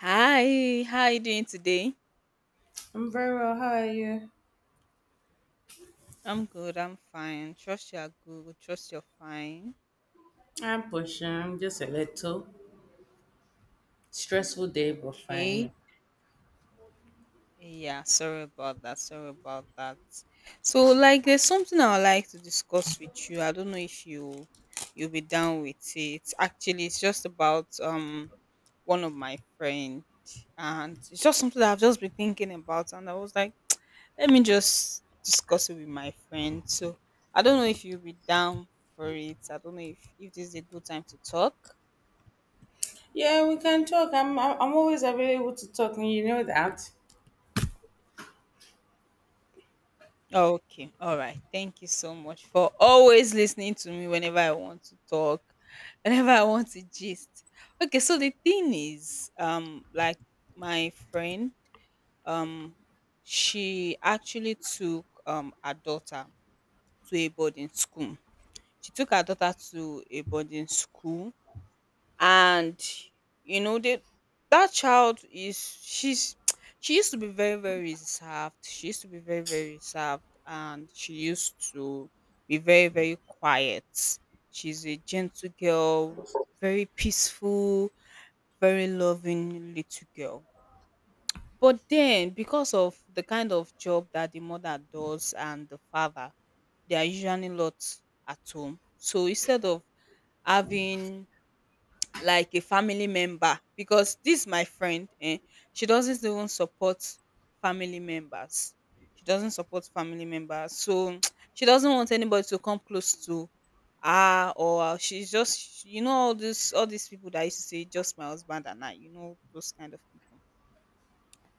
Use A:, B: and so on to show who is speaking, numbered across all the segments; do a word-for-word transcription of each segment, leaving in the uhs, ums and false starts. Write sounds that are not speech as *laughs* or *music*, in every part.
A: Hi, how are you doing today?
B: I'm very well. How are you?
A: I'm good, I'm fine. Trust you're good, trust you're fine.
B: I'm pushing. I'm just a little stressful day, but fine. You
A: Okay.
B: know.
A: Yeah, sorry about that. Sorry about that. So like there's something I would like to discuss with you. I don't know if you you'll be down with it. Actually, it's just about um one of my friend, and it's just something that I've just been thinking about, and I was like, let me just discuss it with my friend. So I don't know if you'll be down for it. I don't know if, if this is a good time to talk.
B: Yeah, we can talk. I'm I'm I'm always available to talk, and you know that.
A: Okay. All right. Thank you so much for always listening to me whenever I want to talk, whenever I want to gist. Okay, so the thing is, um, like, my friend, um, she actually took um her daughter to a boarding school. She took her daughter to a boarding school, and you know that that child is she's *tsk* she used to be very, very reserved. She used to be very, very reserved, and she used to be very, very quiet. She's a gentle girl, very peaceful, very loving little girl. But then, because of the kind of job that the mother does, and the father, they are usually not at home. So instead of having, like, a family member, because this my friend, eh? She doesn't even support family members. She doesn't support family members. So *tsk* she doesn't want anybody to come close to her, or she's just, you know all this all these people that used to say, "Just my husband and I," you know those kind of people.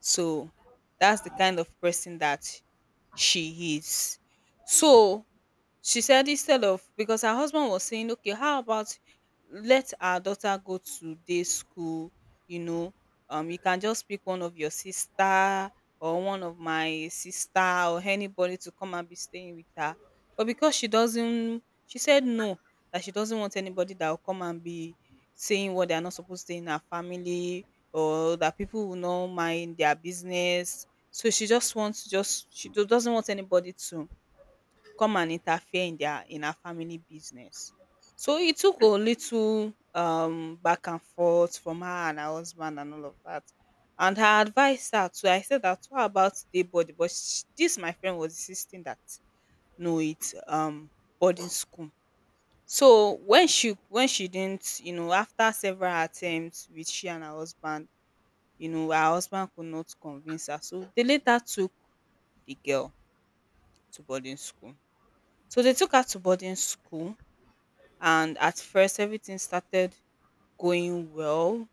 A: So that's the kind of person that she is. So she said, instead of, because her husband was saying, "Okay, how about let our daughter go to day school? You know, um, you can just pick one of your sister or one of my sister or anybody to come and be staying with her." But because she doesn't, she said no, that she doesn't want anybody that will come and be saying what they are not supposed to in her family, or that people will not mind their business. So she just wants, just she do- doesn't want anybody to come and interfere in their in her family business. So it took a little um back and forth from her and her husband and all of that. And I advised her to I said that, what about day body? But sh this my friend was insisting that no, it's um boarding school. So when she when she didn't, you know, after several attempts with she and her husband, you know, her husband could not convince her. So they later took the girl to boarding school. So they took her to boarding school, and at first everything started going well,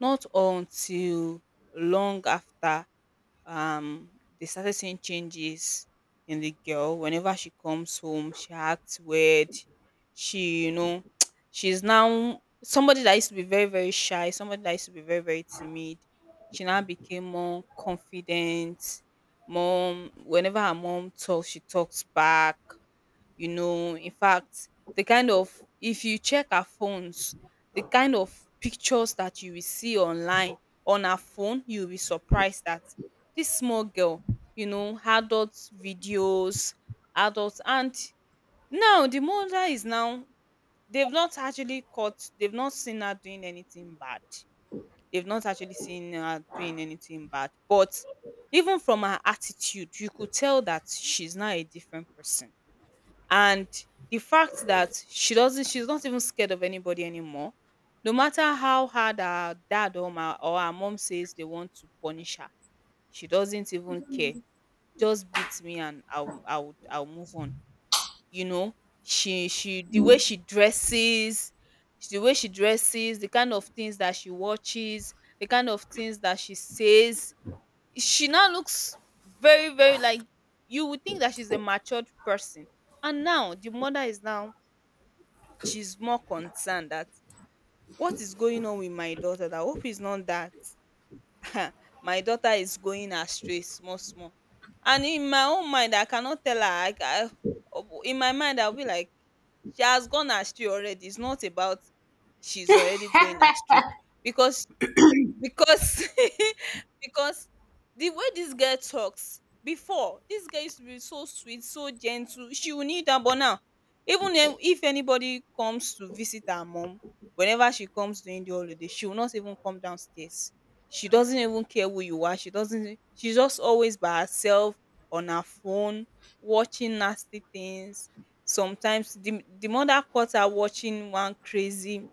A: not until long after, um they started seeing changes in the girl. Whenever she comes home, she acts weird. She, you know *tsk* she's now somebody that used to be very, very shy, somebody that used to be very, very timid. She now became more confident. Mom Whenever her mom talks, she talks back. You know, in fact, the kind of, if you check our phones, the kind of pictures that you will see online on our phone, you'll be surprised that this small girl, you know adult videos, adults. And now the mother is now, they've not actually caught they've not seen her doing anything bad. They've not actually seen her doing anything bad, but even from her attitude you could tell that she's not a different person. And the fact that she doesn't she's not even scared of anybody anymore. No matter how hard her dad, or my or her mom says they want to punish her, she doesn't even care. Just beat me, and i'll i'll i'll move on. You know, she she, the way she dresses, the way she dresses the kind of things that she watches, the kind of things that she says. She now looks very, very, like, you would think that she's a matured person. And now the mother is now, she's more concerned that, what is going on with my daughter, that I hope it's not that *laughs* my daughter is going astray small small. And in my own mind, I cannot tell her. I, I, in my mind, I'll be like, she has gone astray already. It's not about, she's already going astray, because. because *laughs* because the way this girl talks, before, this girl used to be so sweet, so gentle, she will need down. But now, even if if anybody comes to visit her mom, whenever she comes during the holiday, she will not even come downstairs. She doesn't even care who you are. She doesn't She's just always by herself on her phone, watching nasty things. Sometimes the, the mother caught her watching one crazy,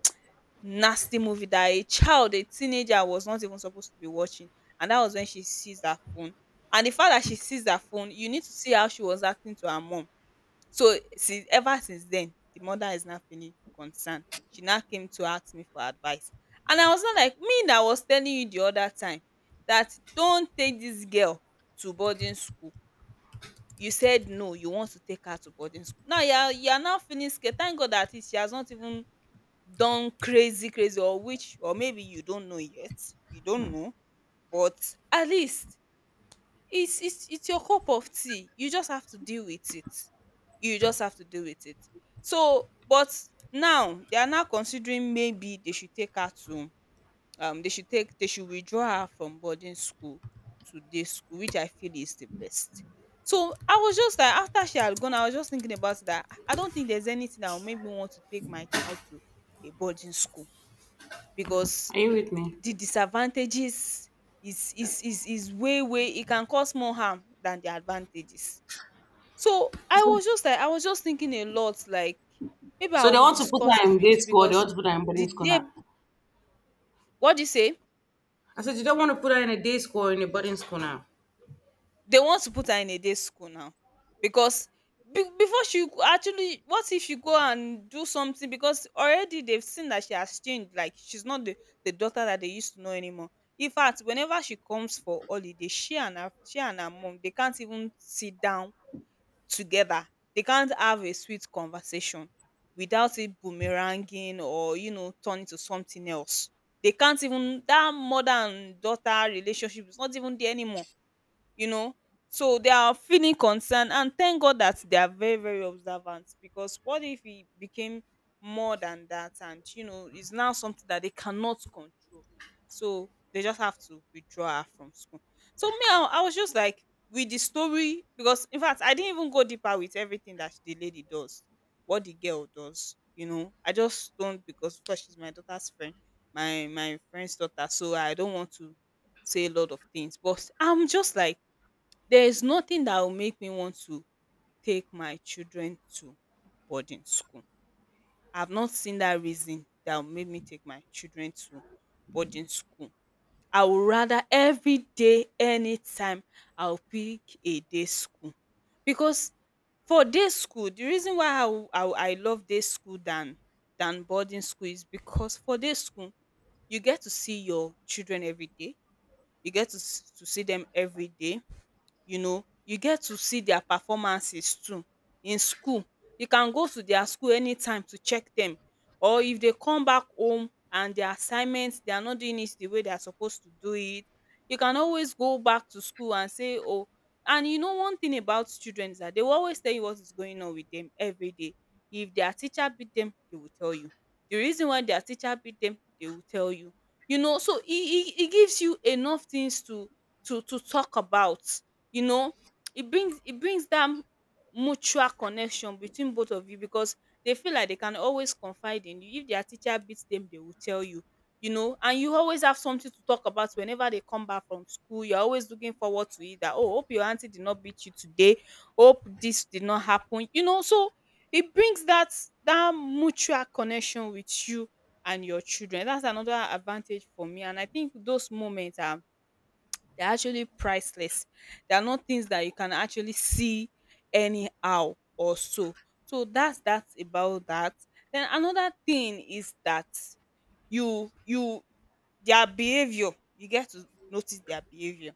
A: nasty movie that a child, a teenager, was not even supposed to be watching, and that was when she seized her phone. And the fact that she seized her phone, you need to see how she was acting to her mom. So since, ever since then, the mother is now feeling concerned. She now came to ask me for advice. And I was not, like, me that was telling you the other time, that don't take this girl to boarding school. You said no, you want to take her to boarding school. Now you are, you are now feeling scared. Thank God that, it, she has not even done crazy crazy, or which or maybe you don't know yet, we don't know, but at least it's it's it's your cup of tea. You just have to deal with it. You just have to deal with it. So but now they are now considering, maybe they should take her to, um they should, take they should withdraw her from boarding school to day school, which I feel is the best. So I was just like, after she had gone, I was just thinking about it, that i I don't think there's anything that will make me want to take my child to a boarding school. Because
B: Are you with me?
A: the disadvantages is is is is way way, it can cause more harm than the advantages. So i was just like I was just thinking a lot, like, maybe I
B: So they
A: will
B: want to put
A: discuss
B: her
A: it
B: in day
A: with you.
B: school. They
A: Because
B: want to put her in
A: the
B: boarding school
A: day
B: now.
A: what do you say?
B: I said you don't want to put her in a day school or in a boarding school now.
A: They want to put her in a day school now. Because be- before she go- actually, what if she go and do something, because already they've seen that she has changed, like she's not the, the daughter that they used to know anymore. In fact, whenever she comes for holiday, she and her she and her mom, they can't even sit down together. They can't have a sweet conversation without it boomeranging, or you know turning to something else. They can't even That mother and daughter relationship is not even there anymore, you know. So they are feeling concerned, and thank God that they are very, very observant, because what if it became more than that, and you know it's now something that they cannot control. So they just have to withdraw her from school. So me, i, I was just like, with the story. Because in fact, I didn't even go deeper with everything that the lady does, what the girl does. you know I just don't, because of course, she's my daughter's friend, my my friend's daughter. So I don't want to say a lot of things, but I'm just like, there is nothing that will make me want to take my children to boarding school. I've not seen that reason that will make me take my children to boarding school. I would rather, every day, anytime, I'll pick a day school. Because for day school, the reason why I, will- I, will- I love day school than, than boarding school, is because for day school, you get to see your children every day. You get to, s- to see them every day. You know, you get to see their performances too in school. You can go to their school anytime to check them, or if they come back home and their assignments, they are not doing it the way they are supposed to do it, you can always go back to school and say, oh, and you know one thing about children is that they will always tell you what is going on with them every day. If their teacher beat them, they will tell you. The reason why their teacher beat them, they will tell you. You know, so it, it, it gives you enough things to to to talk about, you know it brings it brings that mutual connection between both of you, because they feel like they can always confide in you. If their teacher beats them, they will tell you. You know, and you always have something to talk about whenever they come back from school. You're always looking forward to it that, oh, hope your auntie did not beat you today, hope this did not happen, you know. So it brings that, that mutual connection with you and your children. That's another advantage for me, and I think those moments are, they're actually priceless. They are not things that you can actually see anyhow or so. So that's that's about that. Then another thing is that you you their behavior, you get to notice their behavior.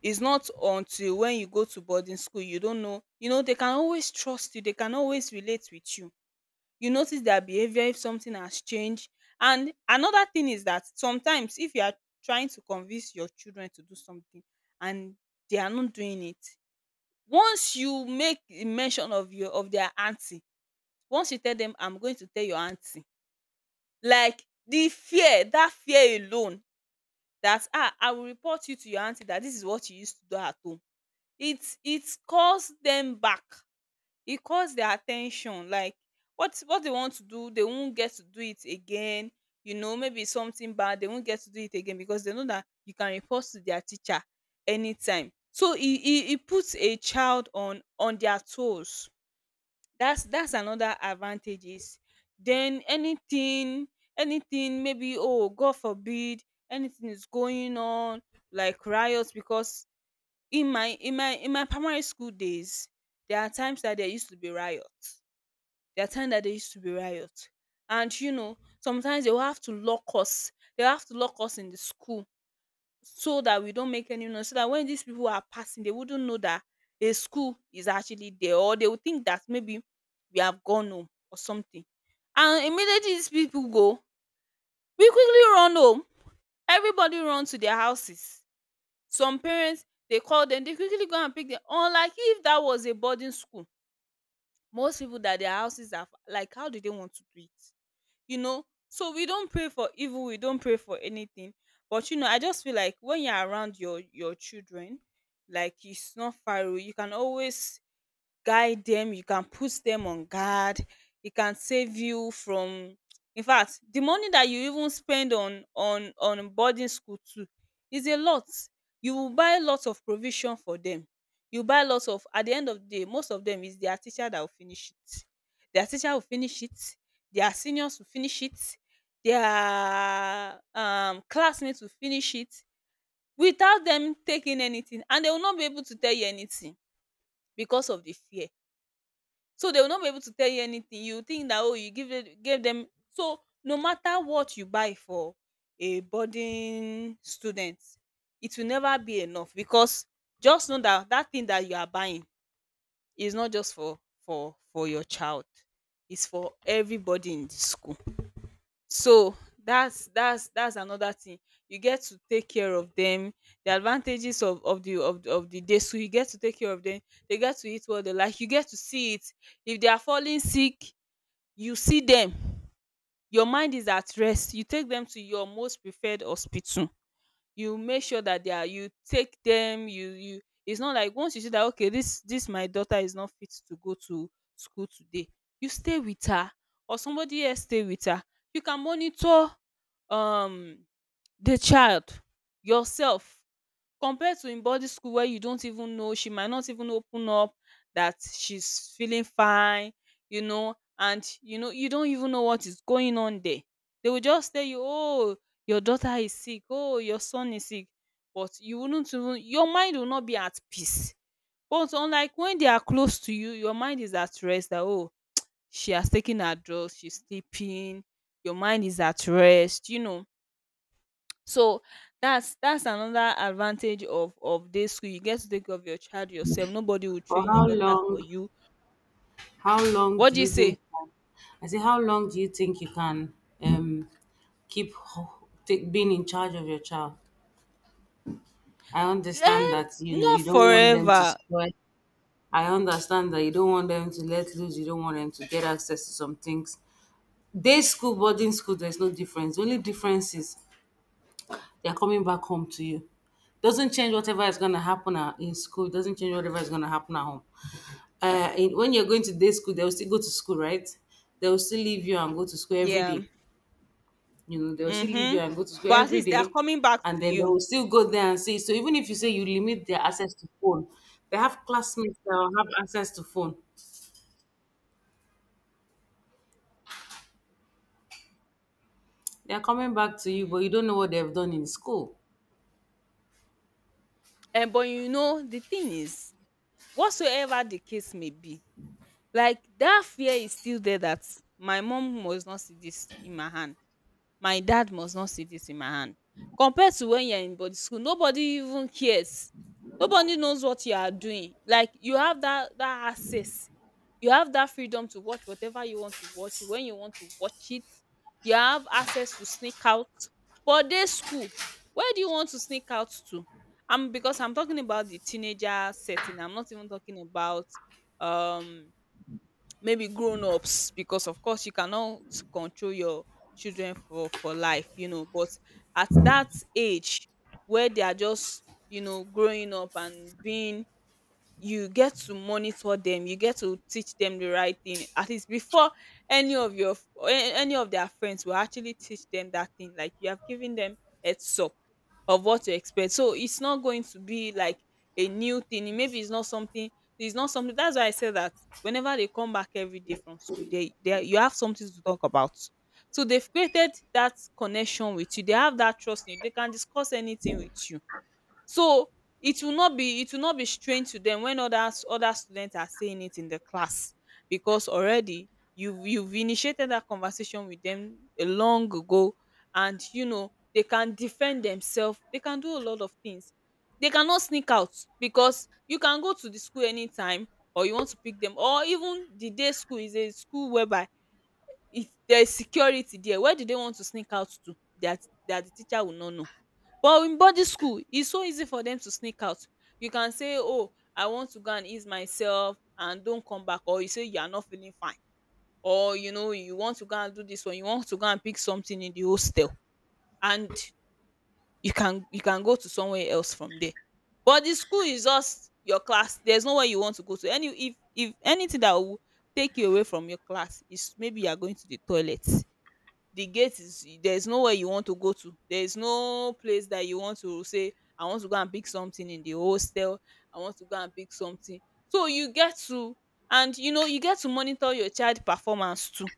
A: It's not until when you go to boarding school, you don't know. You know, they can always trust you, they can always relate with you. You notice their behavior if something has changed. And another thing is that sometimes if you are trying to convince your children to do something and they are not doing it, once you make a mention of your, of their aunty, once you tell them I'm going to tell your aunty, like the fear, that fear alone, that ah, I will report you to your aunty that this is what you used to do at home, it it calls them back. It calls their attention, like what what they want to do, they won't get to do it again. You know, maybe it's something bad, they won't get to do it again, because they know that you can report to their teacher anytime. So it, it, it puts a child on on their toes. That's that's another advantages. Then anything, anything, maybe, oh, God forbid, anything is going on like riots. Because in my in my in my primary school days, there are times that there used to be riots, there are times that there used to be riot. And you know, sometimes they will have to lock us. They have to lock us in the school so that we don't make any noise, so that when these people are passing, they wouldn't know that a school is actually there, or they would think that maybe we have gone home or something. And immediately these people go, we quickly run home. Everybody run to their houses. Some parents, they call them, they quickly go and pick them. Unlike if that was a boarding school, most people that their houses are fa- like, how do they want to do it? You know, so we don't pray for evil, we don't pray for anything. But you know, I just feel like when you're around your your children, like it's not far away, you can always guide them. You can put them on guard, e can save you from. In fact, the money that you even spend on on on boarding school too is a lot. You will buy lots of provision for them. You buy lots of, at the end of the day most of them is their teacher that will finish it. Their teacher will finish it, their seniors will finish it, their um classmates will finish it, without them taking anything. And they will not be able to tell you anything because of the fear. So they will not be able to tell you anything. You think that, oh, you give it, gave them. So no matter what you buy for a boarding student, it will never be enough. Because just know that that thing that you are buying is not just for for for your child. It's for everybody in the school. So that's that's that's another thing. You get to take care of them, the advantages of of the of, the- of the day. So you get to take care of them, they get to eat what they like, you get to see it. If they are falling sick, you see them, your mind is at rest, you take them to your most preferred hospital. You make sure that they are, you take them, you you it's not like once you see that, okay, this, this my daughter is not fit to go to school today, you stay with her, or somebody else stay with her, you can monitor um the child yourself. Compared to in boarding school where you don't even know, she might not even open up that she's feeling fine. You know, and you know, you don't even know what is going on there. They will just tell you, oh, your daughter is sick, oh, your son is sick. But you wouldn't even, your mind will not be at peace. But unlike when they are close to you, your mind is at rest that, oh, she has taken her drugs, she's sleeping, your mind is at rest, you know. So that's that's another advantage of of day school. You get to take care of your child yourself. Nobody will
B: For
A: train your
B: how
A: daughter for
B: long?
A: you.
B: How long
A: What
B: do
A: do you
B: you
A: say?
B: think? I said, how long do you think you can um keep ho- take, being in charge of your child? I understand
A: Um,
B: that you know
A: not
B: you don't want them to
A: forever.
B: spoil. I understand that you don't want them to let loose, you don't want them to get access to some things. Day school, boarding school, there's no difference. The only difference is they're coming back home to you. Doesn't change whatever is going to happen at- in school. It doesn't change whatever is going to happen at home. Uh, in, when you're going to day school, they'll still go to school, right? They'll still leave you and go to school every
A: Yeah.
B: day. You know, they'll still leave
A: Mm-hmm.
B: you and go to school
A: But at
B: every
A: least they are
B: day.
A: coming back
B: And
A: to
B: then they
A: you.
B: will still go there and see. So even if you say you limit their access to phone, they have classmates that will have access to phone. They are coming back to you, but
A: Mm.
B: you don't know what they've done in school.
A: And but you know, the thing is, whatsoever the case may be, like that fear is still there that my mom must not see this in my hand, my dad must not see this in my hand. Compared to when you're in body school, nobody even cares, nobody knows what you are doing. Like you have that that access, you have that freedom to watch whatever you want to watch when you want to watch it, you have access to sneak out. But this school, where do you want to sneak out to? I'm Because I'm talking about the teenager setting. I'm not even talking about, um maybe grown-ups, because of course you cannot control your children for for life, you know. But at that age where they are just, you know, growing up and being, you get to monitor them, you get to teach them the right thing, at least before any of your f- a- any of their friends will actually teach them that thing. Like you have given them heads up of what to expect, so it's not going to be like a new thing, maybe it's not something, it's not something. That's why I say that whenever they come back every day from school, they, they you have something to talk about. So they've created that connection with you, they have that trust in you, they can discuss anything with you. So it will not be, it will not be strange to them when others other students are saying it in the class, because already you've you've initiated that conversation with them a long ago. And you know, they can defend themselves, they can do a lot of things, they cannot sneak out, because you can go to the school anytime, or you want to pick them. Or even the day school is a school whereby if there is security there, where do they want to sneak out to, that that the teacher will not know? But in boarding school, it's so easy for them to sneak out. You can say, "Oh, I want to go and ease myself" and don't come back, or you say you are not feeling fine, or you know, you want to go and do this one, you want to go and pick something in the hostel, and you can, you can go to somewhere else from there. But the school is just your class. There's nowhere you want to go to. Any if if anything that will take you away from your class is maybe you are going to the toilet. The gate is there, is nowhere you want to go to, there is no place that you want to say I want to go and pick something in the hostel, I want to go and pick something. So you get to, and you know, you get to monitor your child performance too.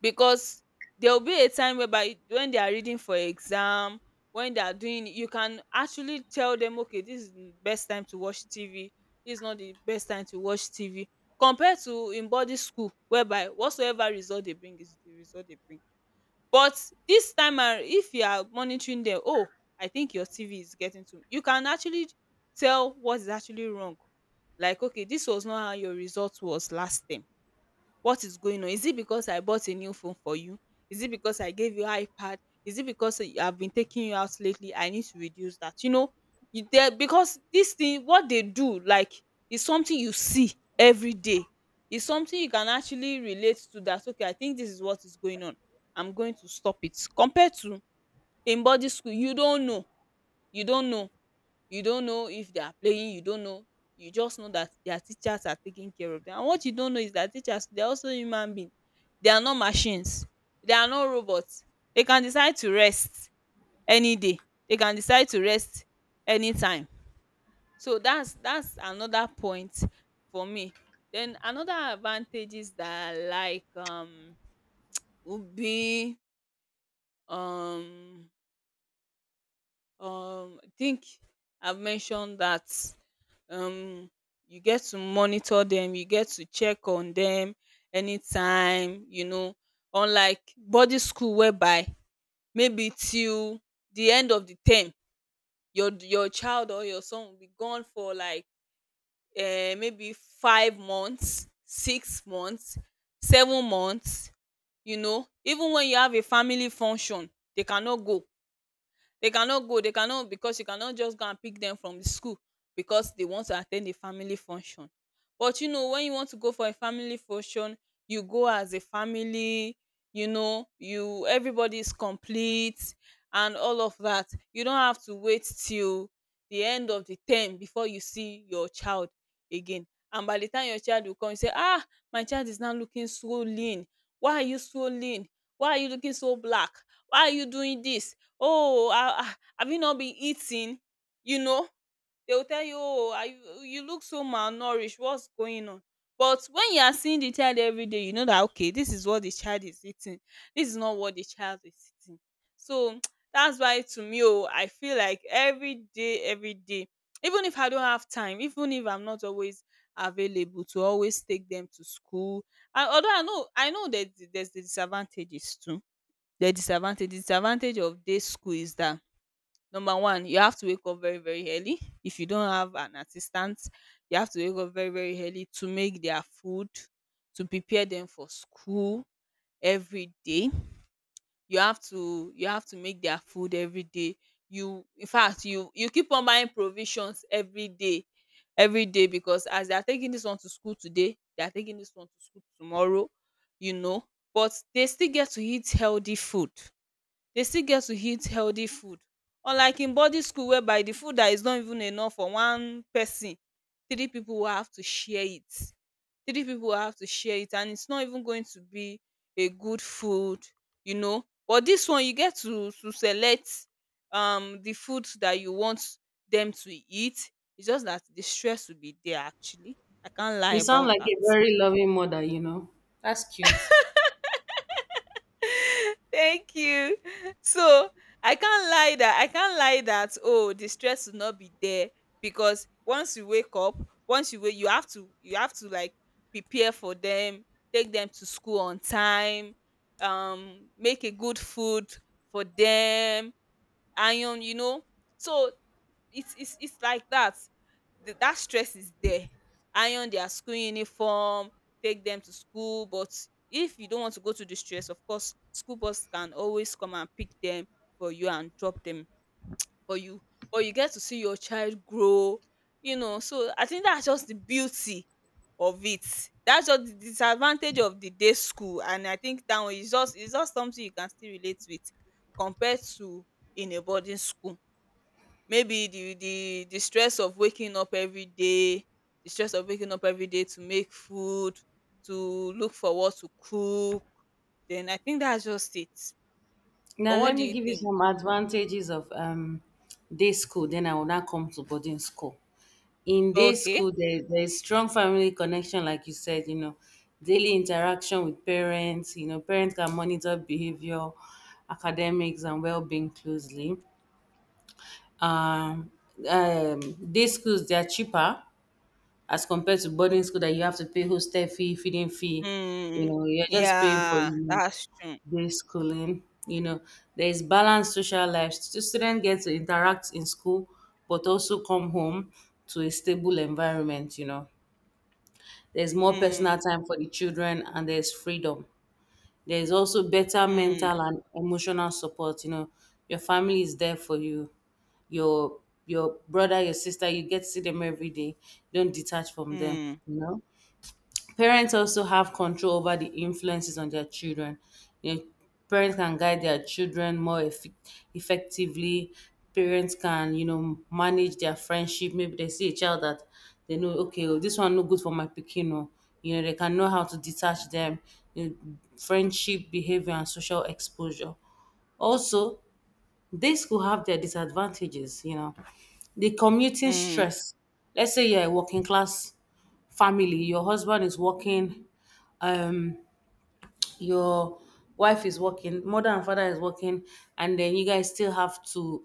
A: Because there will be a time whereby when they are reading for exam, when they are doing, you can actually tell them, okay, this is the best time to watch T V, this is not the best time to watch T V. Compared to in boarding school whereby whatsoever result they bring is the result they bring. But dis time arou, if you are monitoring dem, "oh, I think your T V is getting too," you can actually tell what is actually wrong. Like, okay, dis was not how your result was last term. What is going on? Is it because I bought a new phone for you? Is it because I gave you iPad? Is it because you- I've been taking you out lately? I need to reduce that. You know, you there, because this thing what they do, like, is something you see every day. It's something you can actually relate to, that okay, I think this is what is going on. I'm going to stop it. Compared to in body school, you don't know. You don't know. You don't know if they are playing, you don't know. You just know that their teachers are taking care of them. And what you don't know is that teachers, they're also human beings. They are not machines. They are not robots. They can decide to rest any day. They can decide to rest anytime. So that's that's another point for me. Then another advantages that I like um would be um um I think I've mentioned that. um you get to monitor them, you get to check on them anytime, you know, unlike boarding school whereby maybe till the end of the term your your child or your son will be gone for like um maybe five months six months seven months, you know, even when you have a family function they cannot go. They cannot go. They cannot, because you cannot just go and pick them from the school because they want to attend a family function. But you know, when you want to go for a family function, you go as a family, you know, you everybody is complete and all of that. You don't have to wait till the end of the term before you see your child again. And by the time your child will come, you say, "Ah, my child is now looking so lean. Why are you so lean? Why are you looking so black? Why are you doing this? Oh, ha ha have you not been eating?" You know, they will tell you, "Oh, are you you look so malnourished. What's going on?" But when you are seeing the child every day, you know that okay, this is what the child is eating. This is not what the child is eating. So *tsk* that's why to me, oh, I feel like every day, every day, even if I don't have time, even if I'm not always available to always take them to school. And although I know I know that there's the disadvantages too, the disadvantage disadvantage of day school is that number one, you have to wake up very very early. If you don't have an assistant, you have to wake up very very early to make their food, to prepare them for school every day. You have to you have to make their food every day. You in fact you you keep on buying provisions every day every day, because as they are taking this one to school today, they are taking this one to school tomorrow, you know. But they still get to eat healthy food, dey still get to eat healthy food, unlike in boarding school whereby the food that is not even enough for one person, three people will have to share it, three people will have to share it, and it's not even going to be a good food, you know. But this one you get to to select um the food that you want them to eat. It's just that the stress will be there, actually. I can't lie
B: You sound
A: about
B: like
A: that.
B: a very loving mother, you know. That's cute.
A: Thank you. So I can't lie that I can't lie that oh, the stress will not be there, because once you wake up, once you wake, you have to, you have to like, prepare for them, take them to school on time, um, make a good food for them, iron, you know. So it's it's it's like that. The, that stress is there. Iron their school uniform, take them to school, but if you don't want to go to the stress, of course school bus can always come and pick them for you and drop them for you. But you get to see your child grow, you know, so I think that's just the beauty of it. That's just the disadvantage of the day school, and I think that one is just is just something you can still relate with, compared to in a boarding school. Maybe the the the stress of waking up every day, the stress of waking up every day to make food, to look for what to cook. Then I think that's just it,
B: Now,
A: or what
B: let
A: do
B: me
A: you
B: give you
A: think?
B: some advantages of um, day school, then I will now come to boarding school. In day
A: Okay.
B: school, there, there's strong family connection, like you said, you know, daily interaction with parents, you know, parents can monitor behavior, academics, and well being closely. Um, um, day schools, they are cheaper as compared to boarding school that you have to pay hostel fee, feeding fee. You
A: Hmm.
B: know, you're just paying for,
A: Yeah,
B: you know,
A: that's true.
B: day schooling. You know, there is balanced social life. Stu- Students get to interact in school, but also come home to a stable environment. You know, there's more
A: Hmm.
B: personal time for the children, and there's freedom. There is also better
A: Hmm.
B: mental and emotional support. You know, your family is there for you. Your your brother, your sister, you get to see them every day. Don't detach from them.
A: Hmm.
B: You know, parents also have control over the influences on their children. You know, parents can guide their children more effe- effectively. Parents can, you know, manage their friendship. Maybe they see a child that they know, okay, oh, this one no good for my pikin, oh. You know, they can know how to detach them. You know, friendship behavior and social exposure. Also, this could have their disadvantages. You know, the commuting stress, let's say you're a working class family, your husband is working, um your wife is working, mother and father is working, and then you guys still have to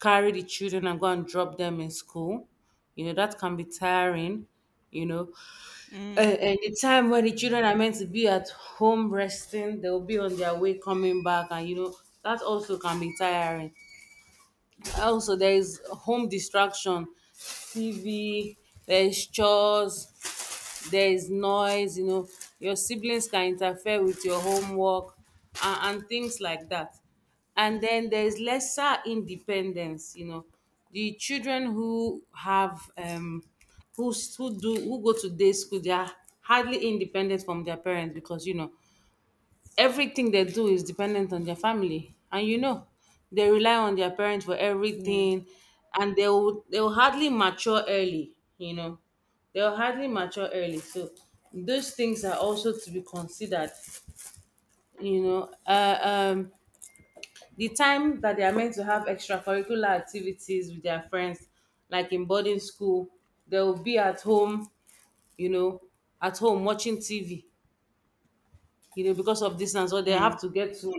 B: carry the children and go and drop them in school. You know, that can be tiring, you know. And,
A: Hmm.
B: and the time when the children are meant to be at home resting, they'll be on their way coming back, and you know, that also can be tiring. Also there is home distraction, tv, there's chores, there is noise, you know, your siblings can interfere with your homework, and, and things like that. And then there is lesser independence, you know, the children who have um who s- who do who go to day school, they are hardly independent from their parents because you know everything they do is dependent on their family, and you know they rely on their parents for
A: Hmm.
B: everything, and they will, they will hardly mature early, you know, they'll hardly mature early. So those things are also to be considered, you know. uh, um the time that they are meant to have extracurricular activities with their friends, like in boarding school, they'll be at home, you know, at home watching tv, you know, because of distance or they
A: Hmm.
B: have to get to,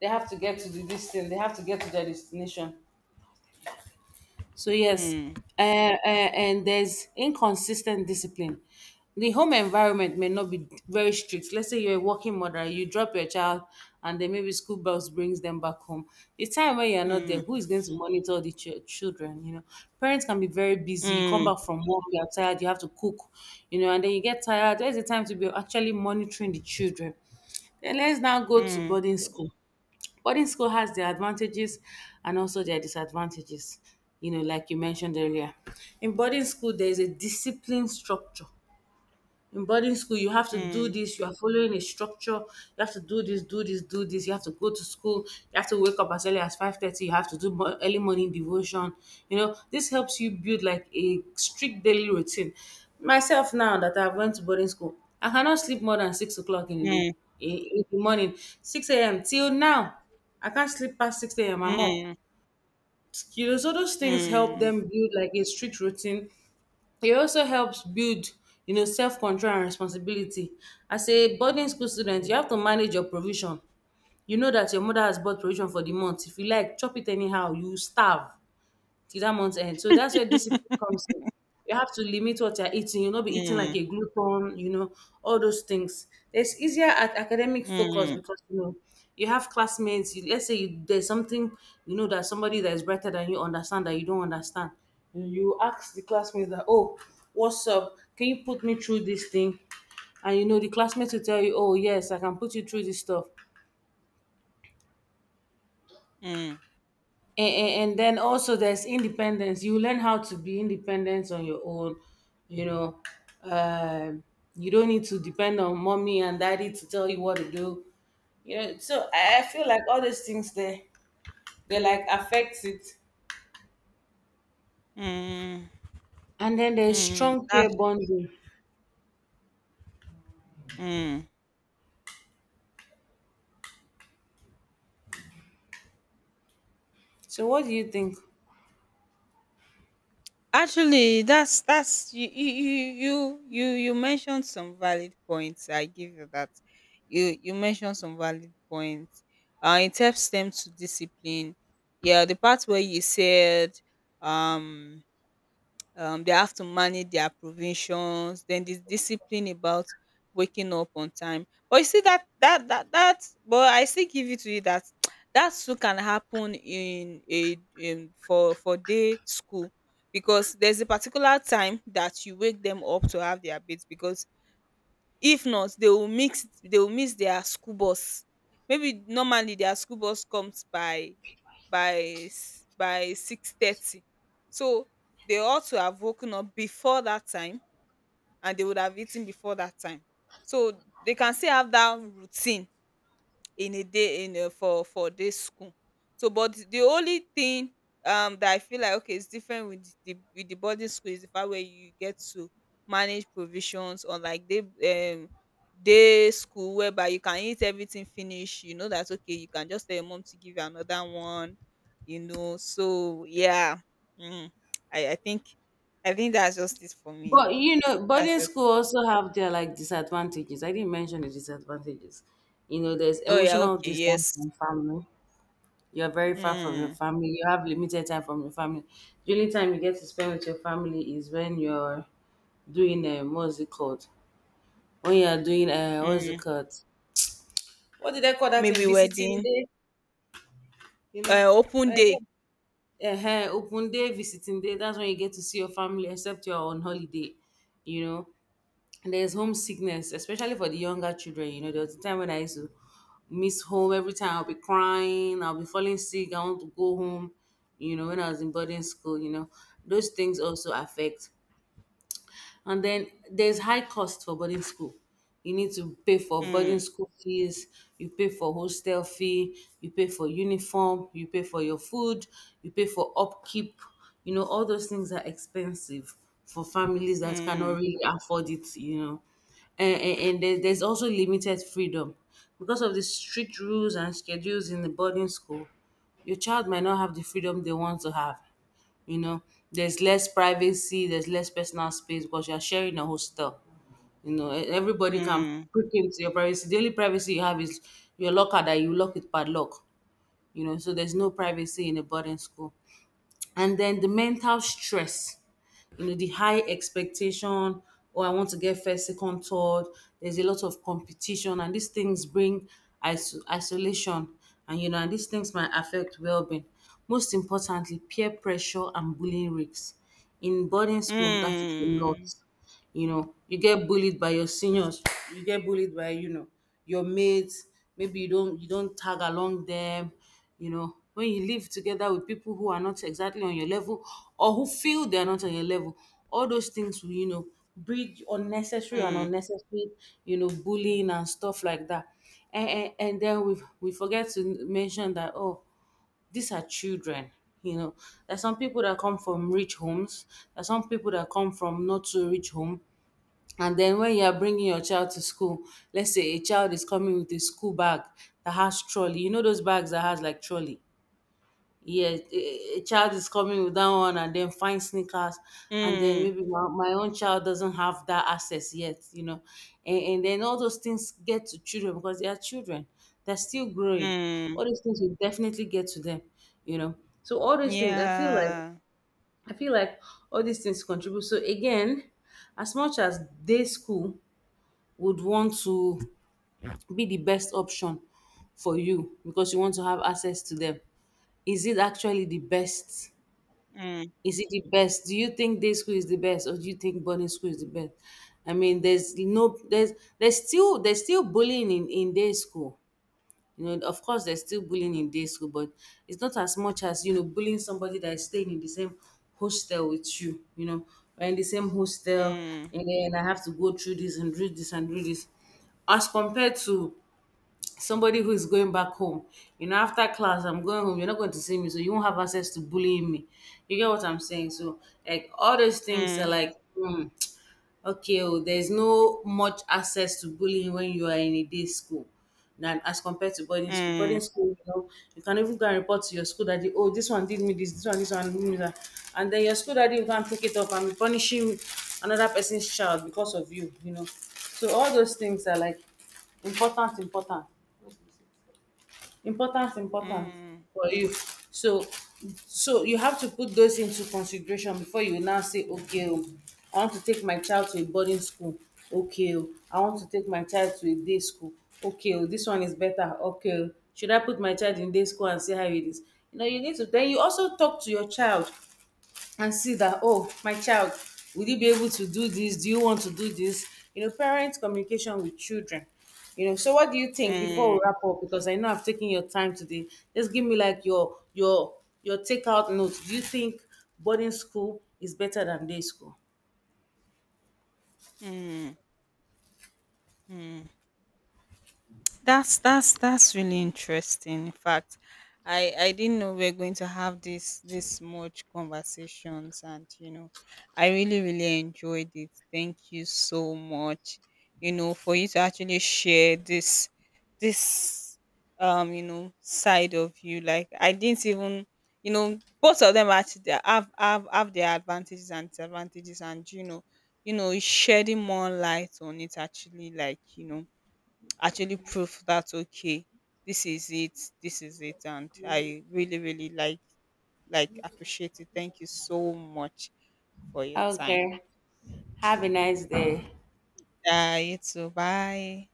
B: they have to get to the this thing, they have to get to their destination. So yes.
A: Hmm.
B: Uh, uh, and there's inconsistent discipline. The home environment may not be very strict. Let's say you're a working mother, you drop your child and then maybe school bus brings them back home. The time when you're not
A: Hmm.
B: there, who is going to monitor the ch- children, you know? Parents can be very busy. You come
A: Hmm.
B: back from work, you're tired, you have to cook, you know, and then you get tired. There's the time to be actually monitoring the children. Then let's now go to
A: Hmm.
B: boarding school. Boarding school has their advantages and also their disadvantages. You know, like you mentioned earlier, in boarding school there is a discipline structure. In boarding school, you have to do this, you are following a structure, you have to do this, do this, do this, you have to go to school, you have to wake up as early as five thirty, you have to do mo- early morning devotion. You know, this helps you build like a strict daily routine. Myself, now that I've went to boarding school, I cannot sleep more than six o'clock in the
A: Hmm.
B: day, in, in the morning, six a m till now. I can't sleep past six a m.
A: Hmm.
B: I'm up.
A: Hmm.
B: You know, so those things help
A: Hmm.
B: them build like a strict routine. E also helps build, you know, self-control and responsibility. As a boarding school student, you have to manage your provision. You know dat your mother has bought provision for the month. If you like, chop it anyhow, you starve till that month end. So that's where discipline comes in. You have to limit what you're eating. You'll not be eating
A: Hmm.
B: like a glutton, you know, all those things. It's easier at academic focus
A: Hmm.
B: because, you know, you have classmates. You, let's say you, there's something, you know, that somebody that is brighter than you understand that you don't understand. You you ask the classmates that, oh, what's up? Can you put me through this thing? And, you know, the classmates will tell you, oh, yes, I can put you through this stuff.
A: Mm.
B: and, and then also there's independence. You learn how to be independent on your own, you know. um, you don't need to depend on mommy and daddy to tell you what to do, you know. So i I feel like all these things there, they like affect it.
A: Mm.
B: And then there's
A: Mm,
B: strong care
A: that's.
B: bonding.
A: Mm.
B: So what do you think?
A: Actually, that's that's you you you you you you mentioned some valid points. I give you that. You you mentioned some valid points. Uh, it helps them to discipline. Yeah, the part where you said, um, um they have to manage their provisions, then this discipline about waking up on time. But you see that that that that but I still give it to you that *tsk* that too can happen in a, in for for day school, because there's a particular time that you wake them up to have their bath, because if not they will mix they will miss their school bus. Maybe normally their school bus comes by by s- by six thirty, so they ought to have woken up before that time, and they would have eaten before that time, so they can still have that routine in a day, in a for for this school. So, but the only thing um that I feel like, okay, it's different with the with the boarding school is the fact where you get to manage provisions, on like day, um day school whereby you can eat everything finish. You know, that's okay, you can just tell your mom to give you another one, you know, so yeah. Mm. I i think i think that's just it for me.
B: But you know
A: That's
B: boarding
A: just.
B: school also have their like disadvantages. I didn't mention the disadvantages. You know, there's
A: Oh, yeah,
B: emotional
A: okay,
B: distance
A: yes.
B: from family. You're very far from your
A: mm,
B: family. You have limited time from your family. The only time you get to spend with your family is when you're doing um, what's it called? When you're doing uh, what's it
A: mm.
B: called? What did I call that? In
A: Maybe
B: visiting
A: wedding.
B: day? You
A: Uh,
B: know,
A: open
B: I
A: day.
B: said, uh, open day, visiting day. That's when you get to see your family, except you're on holiday. You know, and there's homesickness, especially for the younger children. You know, there was a time when I used to miss home every time. I'll be crying, I'll be falling sick, I want to go home, you know, when I was in boarding school. You know, those things also affect. And then there's high cost for boarding school. You need to pay for boarding
A: Mm,
B: school fees, you pay for hostel fee, you pay for uniform, you pay for your food, you pay for upkeep. You know, all those things are expensive for families that cannot
A: mm,
B: really afford it, you know. And, and, and there- there's also limited freedom. Because of the strict rules and schedules in the boarding school, your child might not have the freedom they want to have, you know. There's less privacy, there's less personal space because you're sharing a hostel, you know. E- everybody can
A: mm,
B: prick into your privacy. The only privacy you have is your locker that you lock with padlock, you know. So there's no privacy in a boarding school. And then the mental stress, you know, the high expectation. Oh, I want to get first, second, third. There's a lot of competition, and these things bring iso- isolation, and, you know, and these things might affect well-being. Most importantly, peer pressure and bullying risks in boarding school, that is a lot.
A: mm,
B: You know, you get bullied by your seniors, you get bullied by, you know, your mates. Maybe you don't you don't tag along them, you know. When you live together with people who are not exactly on your level, or who feel they're not on your level, all those things will, you know, breed unnecessary and
A: mm,
B: unnecessary, you know, bullying and stuff like that. And, and, and then we we forget to mention that, oh, these are children, you know. There's some people that come from rich homes, there's some people that come from not so rich home. And then when you are bringing your child to school, let's say a child is coming with a school bag that has trolley. You know those bags that has like trolley. Yeah, a a child is coming with that one and then find sneakers. And then
A: mm,
B: maybe my, my own child doesn't have that access yet, you know. And, and then all those things get to children because they are children. They're still growing.
A: mm.
B: All these things will definitely get to them, you know. So all these things, I feel like,
A: Yeah.
B: I feel like all these things contribute. So again, as much as day school would want to be the best option for you because you want to have access to them. Is it actually the best?
A: Mm,
B: Is it the best? Do you think day school is the best, or do you think boarding school is the best? I mean, there's no, there's, there's still, there's still bullying in, in day school. You know, of course, there's still bullying in day school, but it's not as much as, you know, bullying somebody that is staying in the same hostel with you, you know, or in the same hostel,
A: mm,
B: and then I have to go through this and do this and do this. As compared to somebody who is going back home, you know, after class, I'm going home, you're not going to see me, so you won't have access to bullying me. You get what I'm saying? So, like, all those things are
A: mm,
B: like, hmm. Okay, oh, there's no much access to bullying when you are in a day school than as compared to boarding school. Boarding
A: mm,
B: school, you know, you can even go and report to your school daddy, oh, this one did me this, this one, this one did me that. And then your school daddy will go and pick it up and be punishing another person's child because of you, you know. So all those things are like important, important. Importance, importance.
A: mm,
B: For you. So, so you have to put those into consideration before you now say, okay, oh, I want to take my child to a boarding school. Okay, oh, I want to take my child to a day school. Okay, oh, this one is better. Okay, oh, should I put my child in day school and see how it is? You know, you need to. Then you also talk to your child and see that, oh, my child, will you be able to do this, do you want to do this, you know, parent communication with children, you know. So what do you think? Before we
A: mm,
B: wrap up, because I know I've taken your time today, just give me like your your your takeout notes. Do you think boarding school is better than day school?
A: mm, mm. Mm. That's that's that's really interesting. In fact, I I didn't know we are going to have this this much conversations, and you know, I really really enjoyed it. Thank you so much. You know, for you to actually share this, this um you know side of you. Like I didn't even, you know, both of them actually, they have have have their advantages and disadvantages, and you know, you know shedding more light on it actually, like, you know, actually prove that okay, this is it, this is it. And I really really like like appreciate it. Thank you so much for your time.
B: Okay, have a nice day.
A: Yeah, you too, bye.